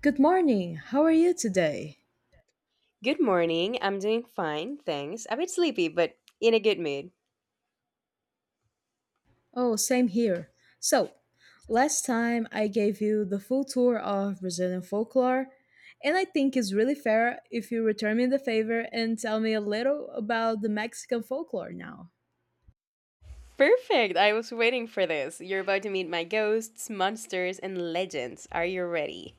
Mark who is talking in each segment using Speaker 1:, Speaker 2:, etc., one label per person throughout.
Speaker 1: Good morning. How are you today?
Speaker 2: Good morning. I'm doing fine, thanks. A bit sleepy, but in a good mood.
Speaker 1: Oh, same here. So, last time I gave you the full tour of Brazilian folklore, and I think it's really fair if you return me the favor and tell me a little about the Mexican folklore now.
Speaker 2: Perfect. I was waiting for this. You're about to meet my ghosts, monsters, and legends. Are you ready?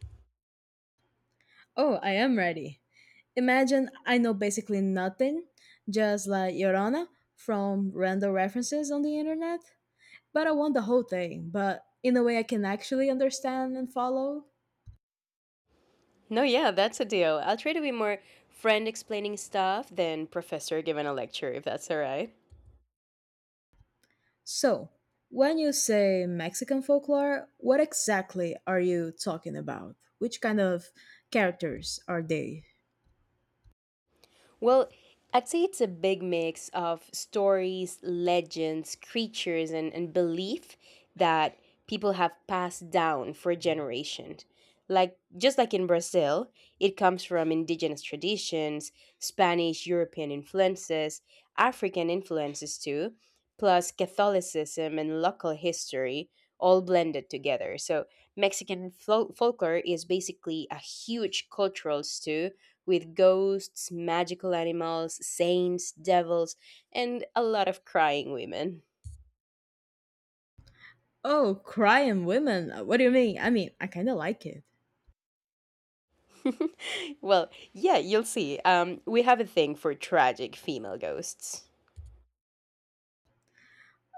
Speaker 1: Oh, I am ready. Imagine I know basically nothing, just like Yorona from random references on the internet, but I want the whole thing, but in a way I can actually understand and follow.
Speaker 2: No, yeah, that's a deal. I'll try to be more friend explaining stuff than professor giving a lecture, if that's all right.
Speaker 1: So, when you say Mexican folklore, what exactly are you talking about? Which kind of characters are they?
Speaker 2: Well, I'd say it's a big mix of stories, legends, creatures, and belief that people have passed down for generations. Like just like in Brazil, it comes from indigenous traditions, Spanish, European influences, African influences too, plus Catholicism and local history all blended together. So Mexican folklore is basically a huge cultural stew with ghosts, magical animals, saints, devils, and a lot of crying women.
Speaker 1: Oh, crying women. What do you mean? I mean, I kind of like it.
Speaker 2: Well, yeah, you'll see. We have a thing for tragic female ghosts.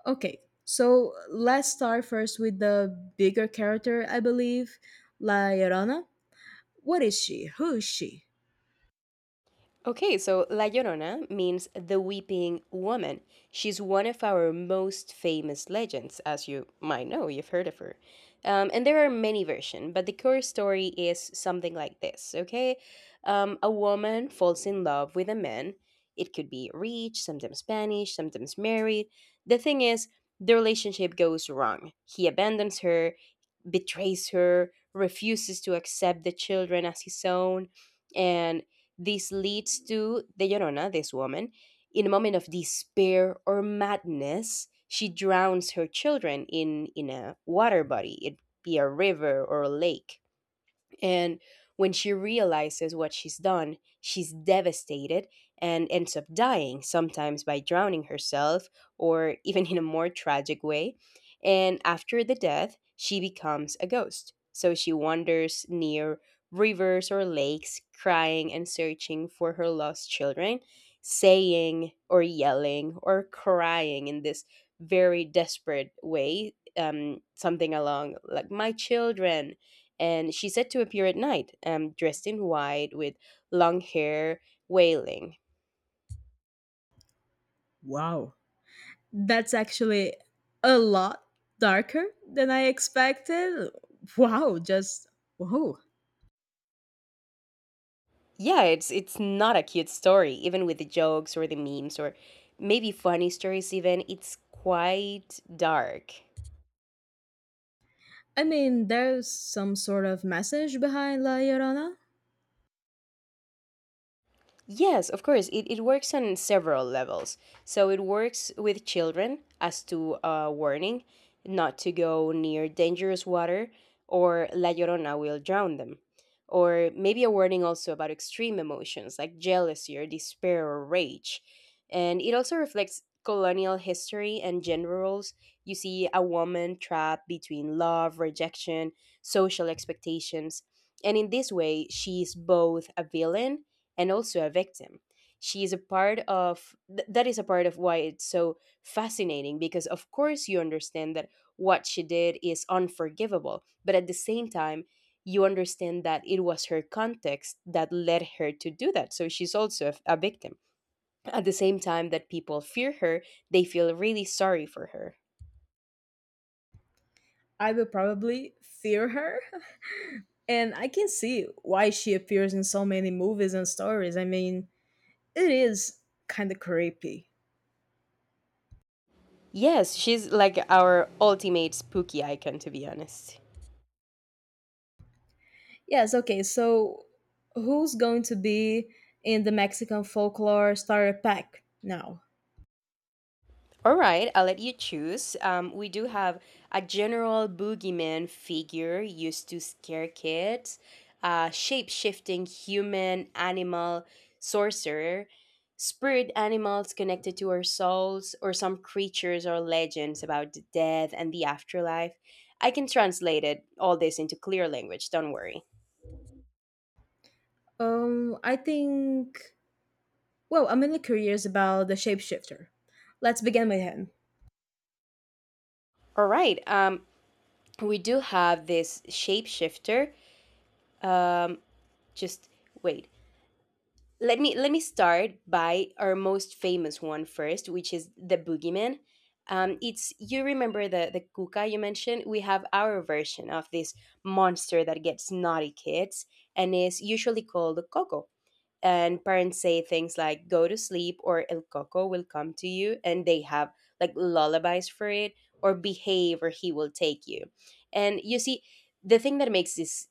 Speaker 1: Okay, so let's start first with the bigger character, I believe, La Llorona. What is she? Who is she?
Speaker 2: Okay, so La Llorona means the weeping woman. She's one of our most famous legends, as you might know, you've heard of her. And there are many versions, but the core story is something like this, okay? A woman falls in love with a man. It could be rich, sometimes Spanish, sometimes married. The thing is, the relationship goes wrong. He abandons her, betrays her, refuses to accept the children as his own, and this leads to the Llorona, this woman, in a moment of despair or madness, she drowns her children in a water body. It be a river or a lake, and when she realizes what she's done, she's devastated and ends up dying, sometimes by drowning herself or even in a more tragic way. And after the death, she becomes a ghost. So she wanders near rivers or lakes, crying and searching for her lost children, saying or yelling or crying in this very desperate way. Something along like, "My children," and she said to appear at night, dressed in white with long hair, wailing.
Speaker 1: Wow. That's actually a lot darker than I expected. Wow, just wow.
Speaker 2: Yeah, it's not a cute story, even with the jokes or the memes or maybe funny stories. Even it's quite dark.
Speaker 1: I mean, there's some sort of message behind La Llorona.
Speaker 2: Yes, of course. It works on several levels. So it works with children as to a warning not to go near dangerous water or La Llorona will drown them. Or maybe a warning also about extreme emotions like jealousy or despair or rage. And it also reflects colonial history and gender roles. You see a woman trapped between love, rejection, social expectations. And in this way, she's both a villain and also a victim. She is a part of that is a part of why it's so fascinating because of course you understand that what she did is unforgivable, but at the same time you understand that it was her context that led her to do that. So she's also a, a victim. At the same time that people fear her, they feel really sorry for her.
Speaker 1: I would probably fear her. And I can see why she appears in so many movies and stories. I mean, it is kind of creepy.
Speaker 2: Yes, she's like our ultimate spooky icon, to be honest.
Speaker 1: Yes, okay, so who's going to be in the Mexican folklore starter pack now?
Speaker 2: All right, I'll let you choose. We do have a general boogeyman figure used to scare kids, a shape shifting human animal sorcerer, spirit animals connected to our souls, or some creatures or legends about the death and the afterlife. I can translate it all this into clear language, don't worry.
Speaker 1: I think, well, I'm really curious about the shapeshifter. Let's begin with him.
Speaker 2: All right, we do have this shapeshifter. Um, just wait. Let me start by our most famous one first, which is the boogeyman. It's you remember the kuka you mentioned. We have our version of this monster that gets naughty kids and is usually called coco. And parents say things like "go to sleep" or "el coco will come to you," and they have like lullabies for it, or "behave" or "he will take you." And you see, the thing that makes this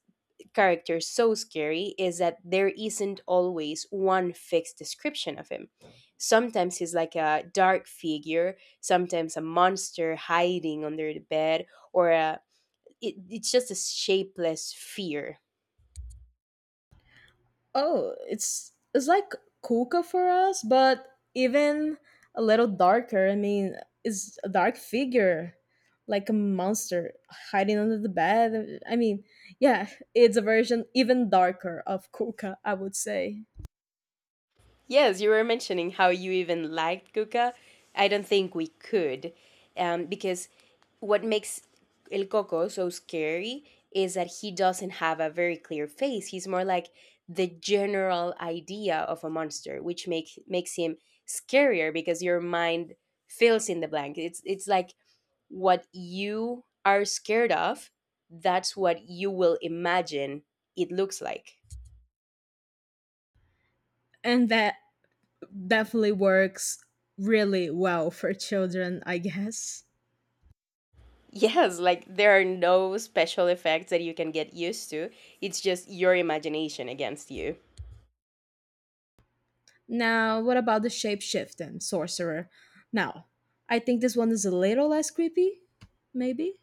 Speaker 2: character so scary is that there isn't always one fixed description of him. Sometimes he's like a dark figure, sometimes a monster hiding under the bed, or it's just a shapeless fear.
Speaker 1: Oh, it's like Kuka for us, but even a little darker. I mean, it's a dark figure, like a monster hiding under the bed. I mean, yeah, it's a version even darker of Kuka, I would say.
Speaker 2: Yes, you were mentioning how you even liked Cuca. I don't think we could, because what makes El Coco so scary is that he doesn't have a very clear face. He's more like the general idea of a monster, which makes him scarier because your mind fills in the blank. It's like what you are scared of. That's what you will imagine it looks like.
Speaker 1: And that definitely works really well for children, I guess.
Speaker 2: Yes, like there are no special effects that you can get used to. It's just your imagination against you.
Speaker 1: Now, what about the shapeshifting sorcerer? Now, I think this one is a little less creepy, maybe?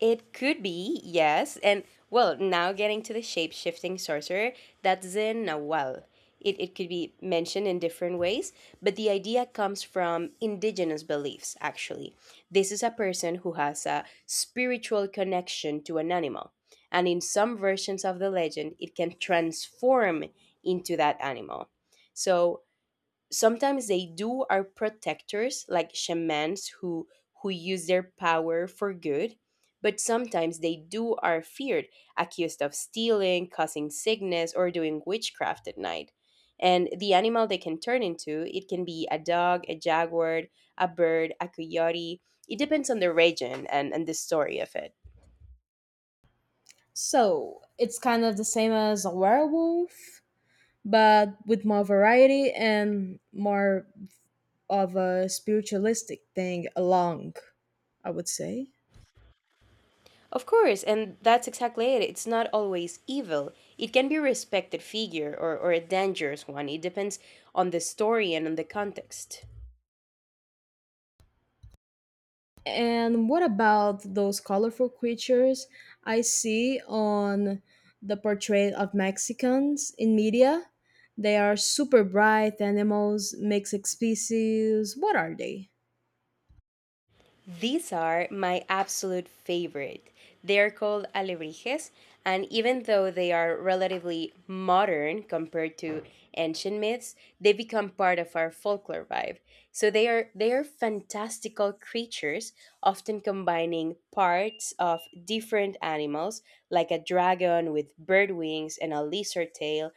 Speaker 2: It could be, yes. And well, now getting to the shape shifting sorcerer, that's the Nahual. It could be mentioned in different ways, but the idea comes from indigenous beliefs, actually. This is a person who has a spiritual connection to an animal. And in some versions of the legend, it can transform into that animal. So sometimes they do are protectors like shamans who use their power for good, but sometimes they do are feared, accused of stealing, causing sickness, or doing witchcraft at night. And the animal they can turn into, it can be a dog, a jaguar, a bird, a coyote. It depends on the region and, the story of it.
Speaker 1: So it's kind of the same as a werewolf, but with more variety and more of a spiritualistic thing along, I would say.
Speaker 2: Of course, and that's exactly it. It's not always evil. It can be a respected figure or, a dangerous one. It depends on the story and on the context.
Speaker 1: And what about those colorful creatures I see on the portrait of Mexicans in media? They are super bright animals, mixed species. What are they?
Speaker 2: These are my absolute favorite. They're called alebrijes, and even though they are relatively modern compared to ancient myths, they become part of our folklore vibe. So they are fantastical creatures, often combining parts of different animals, like a dragon with bird wings and a lizard tail,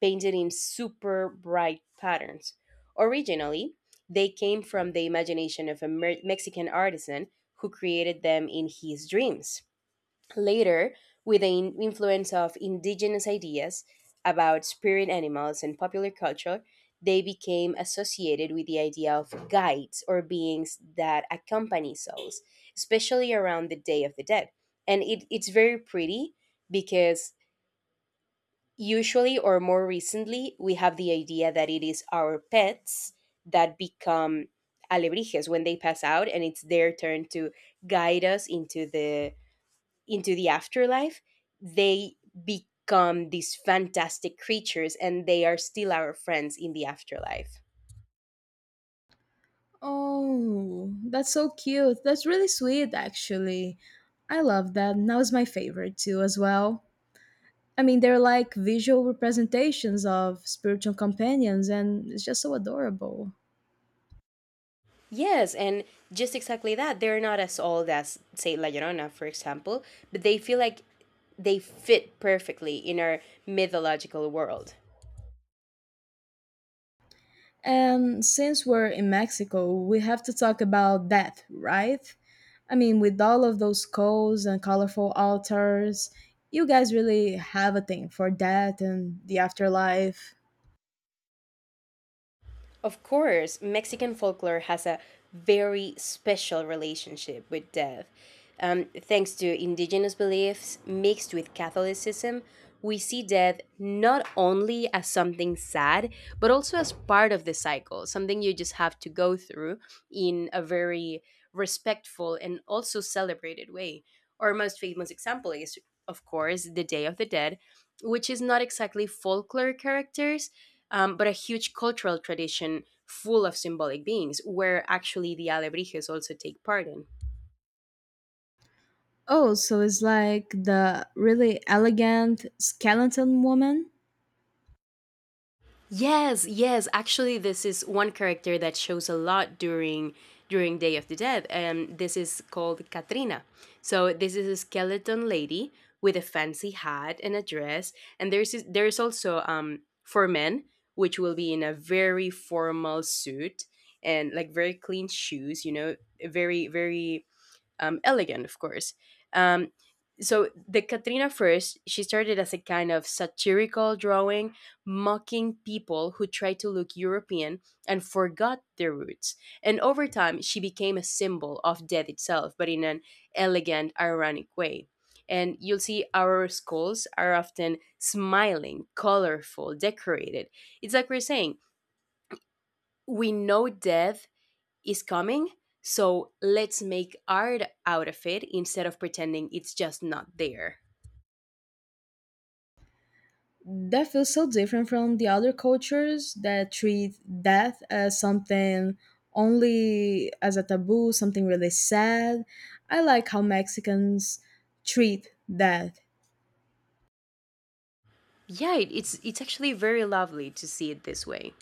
Speaker 2: painted in super bright patterns. Originally, they came from the imagination of a Mexican artisan who created them in his dreams. Later, with the influence of indigenous ideas about spirit animals and popular culture, they became associated with the idea of guides or beings that accompany souls, especially around the Day of the Dead. And it's very pretty because usually or more recently we have the idea that it is our pets that become alebrijes when they pass out and it's their turn to guide us into the afterlife. They become these fantastic creatures and they are still our friends in the afterlife.
Speaker 1: Oh, that's so cute. That's really sweet, actually. I love that. And that was my favorite too, as well. I mean, they're like visual representations of spiritual companions, and it's just so adorable.
Speaker 2: Yes, and just exactly that, they're not as old as say La Llorona for example, but they feel like they fit perfectly in our mythological world.
Speaker 1: And since we're in Mexico, we have to talk about death, right? I mean, with all of those skulls and colorful altars, you guys really have a thing for death and the afterlife.
Speaker 2: Of course, Mexican folklore has a very special relationship with death. Thanks to indigenous beliefs mixed with Catholicism, we see death not only as something sad, but also as part of the cycle, something you just have to go through in a very respectful and also celebrated way. Our most famous example is, of course, the Day of the Dead, which is not exactly folklore characters, but a huge cultural tradition full of symbolic beings, where actually the alebrijes also take part in.
Speaker 1: Oh, so it's like the really elegant skeleton woman?
Speaker 2: Yes, yes. Actually, this is one character that shows a lot during Day of the Dead, and this is called Katrina. So this is a skeleton lady with a fancy hat and a dress, and there's there's also for men, which will be in a very formal suit and like very clean shoes. You know, very elegant, of course. Um, so the Katrina first, she started as a kind of satirical drawing, mocking people who tried to look European and forgot their roots. And over time, she became a symbol of death itself, but in an elegant, ironic way. And you'll see our skulls are often smiling, colorful, decorated. It's like we're saying, we know death is coming. So let's make art out of it instead of pretending it's just not there.
Speaker 1: That feels so different from the other cultures that treat death as something only as a taboo, something really sad. I like how Mexicans treat death.
Speaker 2: Yeah, it's actually very lovely to see it this way.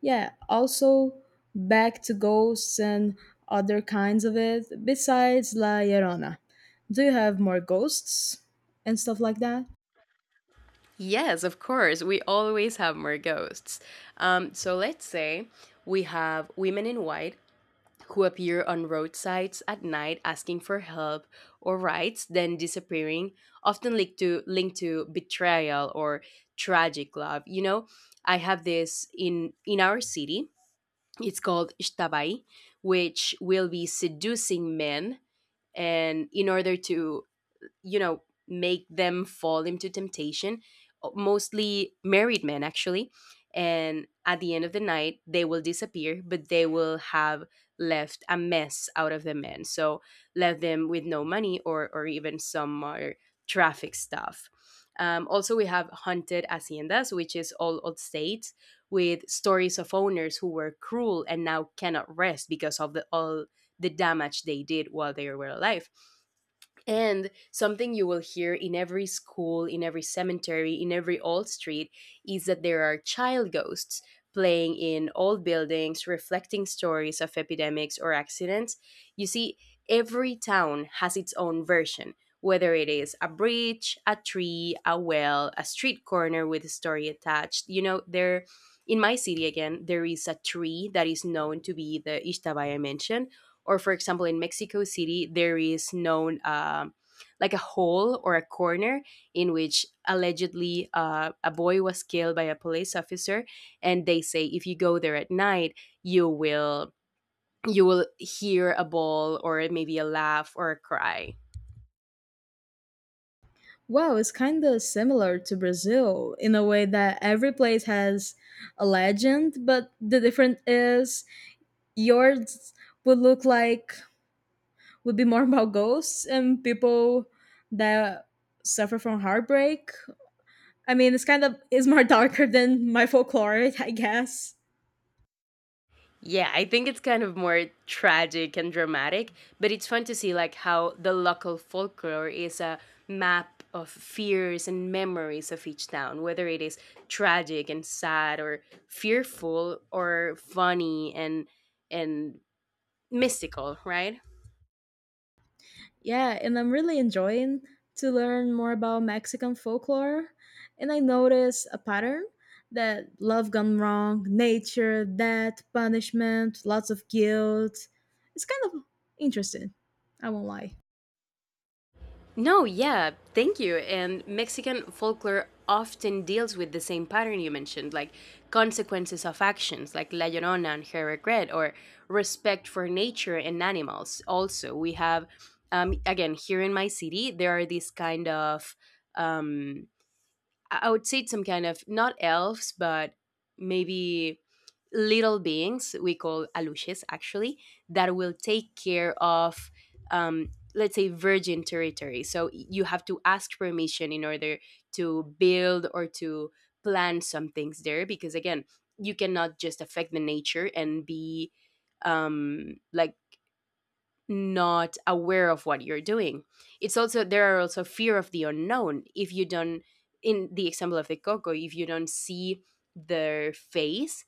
Speaker 1: Yeah, also back to ghosts and other kinds of it, besides La Llorona. Do you have more ghosts and stuff like that?
Speaker 2: Yes, of course, we always have more ghosts. So let's say we have women in white who appear on roadsides at night asking for help or rights, then disappearing, often linked to betrayal or tragic love. You know, I have this in our city. It's called Shtabai, which will be seducing men. And in order to, you know, make them fall into temptation, mostly married men actually, and at the end of the night they will disappear but they will have left a mess out of the men, so left them with no money, or even some are traffic stuff. Also we have haunted haciendas, which is all old states with stories of owners who were cruel and now cannot rest because of the all the damage they did while they were alive. And something you will hear in every school, in every cemetery, in every old street is that there are child ghosts playing in old buildings, reflecting stories of epidemics or accidents. You see, every town has its own version, whether it is a bridge, a tree, a well, a street corner with a story attached. There in my city again, there is a tree that is known to be the Ishtabaya I mentioned, or for example in Mexico city there is known like a hole or a corner in which allegedly a boy was killed by a police officer. And they say if you go there at night, you will you will hear a ball or maybe a laugh or a cry.
Speaker 1: Wow, it's kind of similar to Brazil in a way that every place has a legend, but the difference is yours would look like would be more about ghosts and people that suffer from heartbreak. I mean, it's kind of is more darker than my folklore, I guess.
Speaker 2: Yeah, I think it's kind of more tragic and dramatic, but it's fun to see like how the local folklore is a map of fears and memories of each town, whether it is tragic and sad, or fearful or funny and mystical, right?
Speaker 1: Yeah, and I'm really enjoying to learn more about Mexican folklore. And I notice a pattern that love gone wrong, nature, death, punishment, lots of guilt. It's kind of interesting. I won't lie.
Speaker 2: No, yeah, thank you. And Mexican folklore often deals with the same pattern you mentioned, like consequences of actions, like La Llorona and her regret, or respect for nature and animals. Also, we have, again, here in my city, there are these kind of. Um, I would say it's some kind of not elves, but maybe little beings we call alushes actually, that will take care of, um, let's say, virgin territory, so you have to ask permission in order to build or to plan some things there, because again you cannot just affect the nature and be, like, not aware of what you're doing. It's also there are also fear of the unknown. If you don't In the example of the coco, if you don't see their face,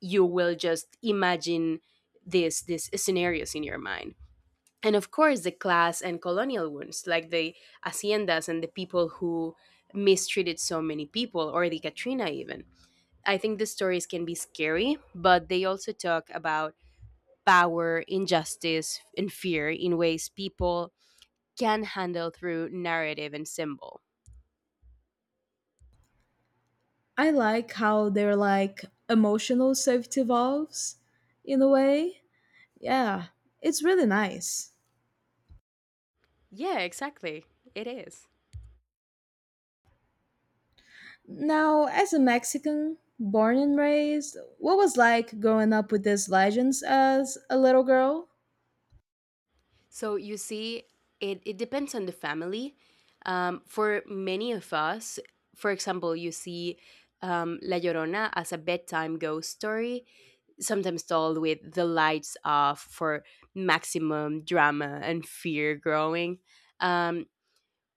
Speaker 2: you will just imagine this these scenarios in your mind. And of course the class and colonial wounds, like the haciendas and the people who mistreated so many people, or the Katrina even. I think the stories can be scary, but they also talk about power, injustice, and fear in ways people can handle through narrative and symbol.
Speaker 1: I like how their like emotional safety valves in a way. Yeah, it's really nice.
Speaker 2: Yeah, exactly. It is.
Speaker 1: Now, as a Mexican born and raised, what was like growing up with these legends as a little girl?
Speaker 2: So you see, it depends on the family. For many of us, for example, you see La Llorona as a bedtime ghost story, sometimes told with the lights off for maximum drama and fear growing. Um,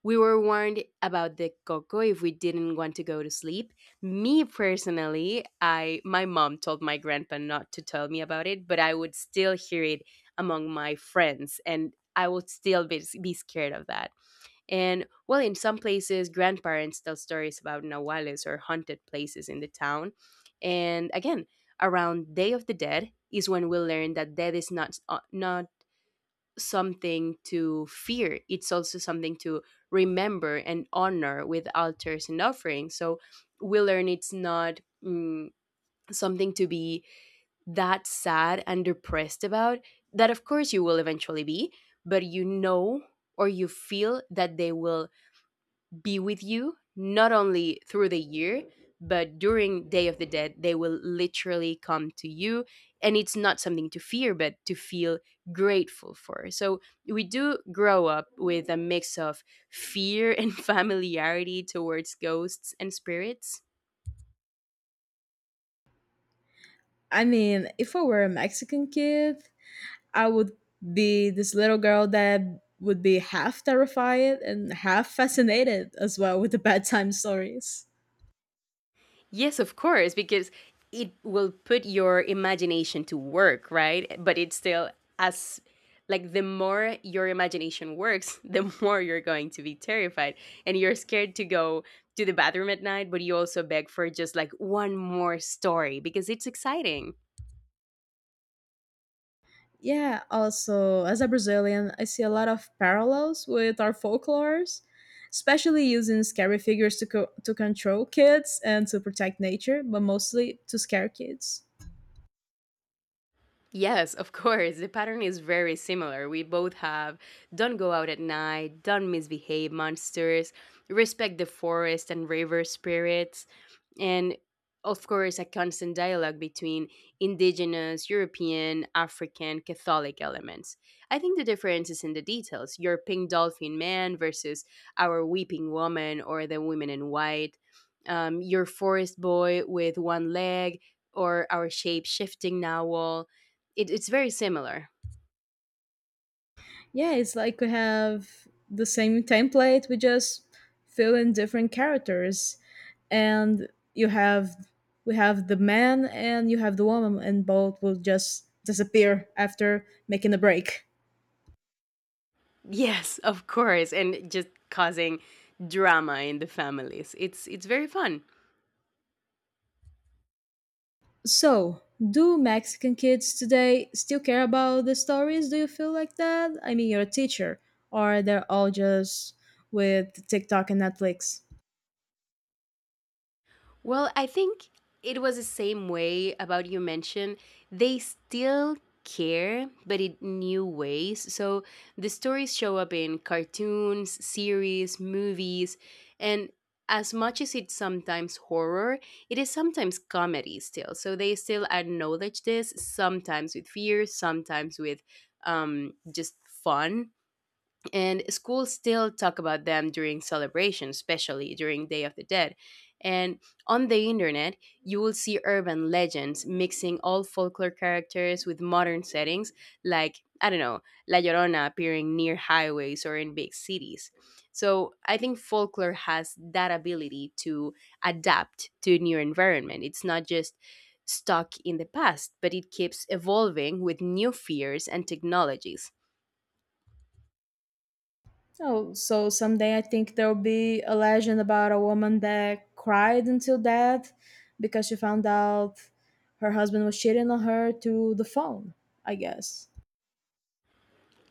Speaker 2: We were warned about the coco if we didn't want to go to sleep. Me personally, I my mom told my grandpa not to tell me about it, but I would still hear it among my friends, and I would still be scared of that. And well, in some places, grandparents tell stories about nahuales or haunted places in the town. And again, around Day of the Dead is when we learn that death is not something to fear. It's also something to remember and honor with altars and offerings. So we learn it's not something to be that sad and depressed about. That, of course, you will eventually be, but you know, or you feel, that they will be with you not only through the year, but during Day of the Dead they will literally come to you, and it's not something to fear but to feel grateful for. So we do grow up with a mix of fear and familiarity towards ghosts and spirits.
Speaker 1: I mean, if I were a Mexican kid, I would be this little girl that would be half terrified and half fascinated as well with the bedtime stories.
Speaker 2: Yes, of course, because it will put your imagination to work, right? But it's still, as like, the more your imagination works, the more you're going to be terrified, and you're scared to go to the bathroom at night, but you also beg for just like one more story because it's exciting.
Speaker 1: Yeah, also, as a Brazilian, I see a lot of parallels with our folklores, especially using scary figures to, to control kids and to protect nature, but mostly to scare kids.
Speaker 2: Yes, of course. The pattern is very similar. We both have don't go out at night, don't misbehave monsters, respect the forest and river spirits, and of course a constant dialogue between Indigenous, European, African, Catholic elements. I think the difference is in the details: your pink dolphin man versus our weeping woman, or the women in white, your forest boy with one leg, or our shape shifting narwhal. It's very similar.
Speaker 1: Yeah, it's like we have the same template, we just fill in different characters. And you have we have the man and you have the woman and both will just disappear after making a break.
Speaker 2: Yes, of course. And just causing drama in the families. It's very fun.
Speaker 1: So, do Mexican kids today still care about the stories? Do you feel like that? I mean, you're a teacher, or they're all just with TikTok and Netflix?
Speaker 2: Well, I think it was the same way about you mentioned. They still care, but in new ways. So the stories show up in cartoons, series, movies, and as much as it's sometimes horror, it is sometimes comedy still. So they still acknowledge this, sometimes with fear, sometimes with, just fun. And schools still talk about them during celebrations, especially during Day of the Dead. And on the internet you will see urban legends mixing old folklore characters with modern settings, like I don't know, La Llorona appearing near highways or in big cities. So I think folklore has that ability to adapt to a new environment. It's not just stuck in the past, but it keeps evolving with new fears and technologies.
Speaker 1: Oh, so someday I think there'll be a legend about a woman that cried until death because she found out her husband was cheating on her through the phone, I guess.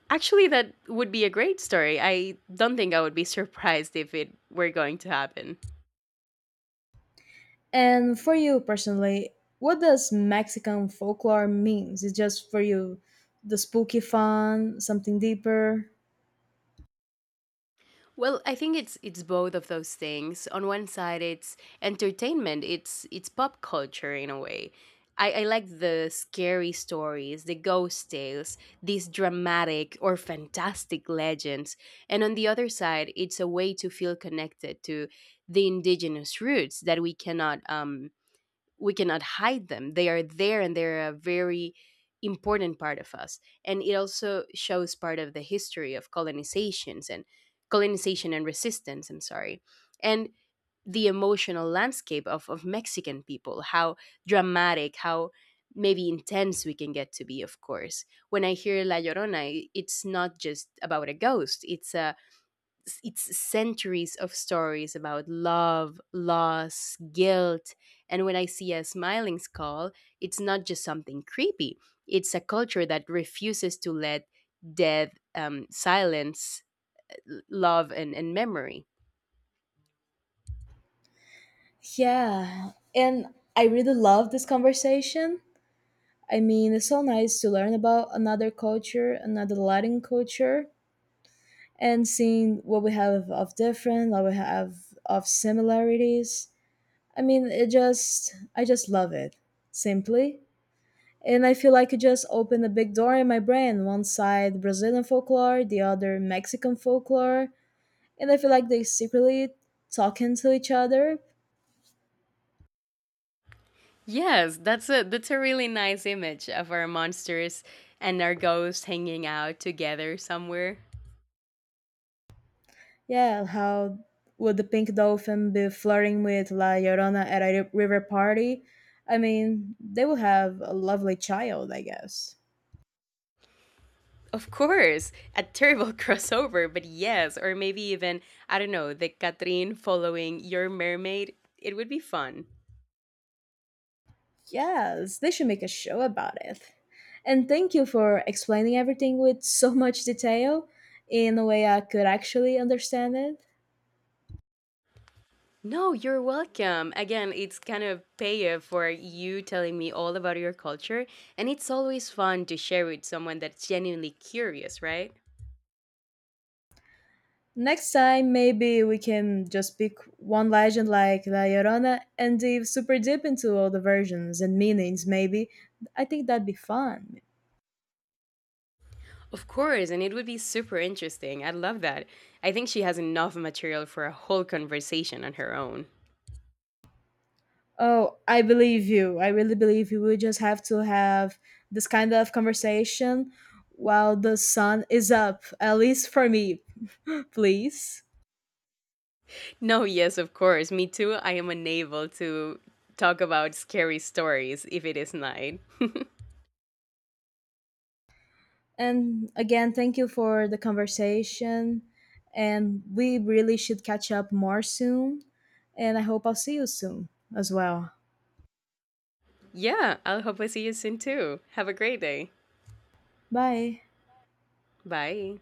Speaker 2: Actually, that would be a great story. I don't think I would be surprised if it were going to happen.
Speaker 1: And for you personally, what does Mexican folklore means? Is just for you the spooky fun, something deeper?
Speaker 2: Well, I think it's both of those things. On one side, it's entertainment. It's pop culture in a way. I like the scary stories, the ghost tales, these dramatic or fantastic legends. And on the other side, it's a way to feel connected to the indigenous roots that we cannot hide them. They are there, and they're a very important part of us. And it also shows part of the history of colonizations and colonization and resistance, I'm sorry. And the emotional landscape of Mexican people, how dramatic, how maybe intense we can get to be, of course. When I hear La Llorona, it's not just about a ghost, it's centuries of stories about love, loss, guilt. And when I see a smiling skull, it's not just something creepy, it's a culture that refuses to let death silence love and memory.
Speaker 1: Yeah, and I really love this conversation. I mean, it's so nice to learn about another culture, another Latin culture. And seeing what we have of different, what we have of similarities. I mean, it just, I just love it, simply. And I feel like it just opened a big door in my brain. One side Brazilian folklore, the other Mexican folklore. And I feel like they secretly talking to each other.
Speaker 2: Yes, that's a really nice image of our monsters and our ghosts hanging out together somewhere.
Speaker 1: Yeah, how would the pink dolphin be flirting with La Llorona at a river party? I mean, they will have a lovely child, I guess.
Speaker 2: Of course, a terrible crossover, but yes, or maybe even, I don't know, the Catherine following your mermaid. It would be fun.
Speaker 1: Yes, they should make a show about it. And thank you for explaining everything with so much detail in a way I could actually understand it.
Speaker 2: No, you're welcome. Again, it's kind of payoff for you telling me all about your culture, and it's always fun to share with someone that's genuinely curious, right?
Speaker 1: Next time, maybe we can just pick one legend like La Llorona and dive super deep into all the versions and meanings, maybe. I think that'd be fun.
Speaker 2: Of course, and it would be super interesting. I love that. I think she has enough material for a whole conversation on her own.
Speaker 1: Oh, I believe you. I really believe you. We just have to have this kind of conversation while the sun is up, at least for me. Please.
Speaker 2: No, yes, of course. Me too. I am unable to talk about scary stories if it is night.
Speaker 1: And again, thank you for the conversation. And we really should catch up more soon. And I hope I'll see you soon as well.
Speaker 2: Yeah, I'll hope I see you soon too. Have a great day.
Speaker 1: Bye.
Speaker 2: Bye.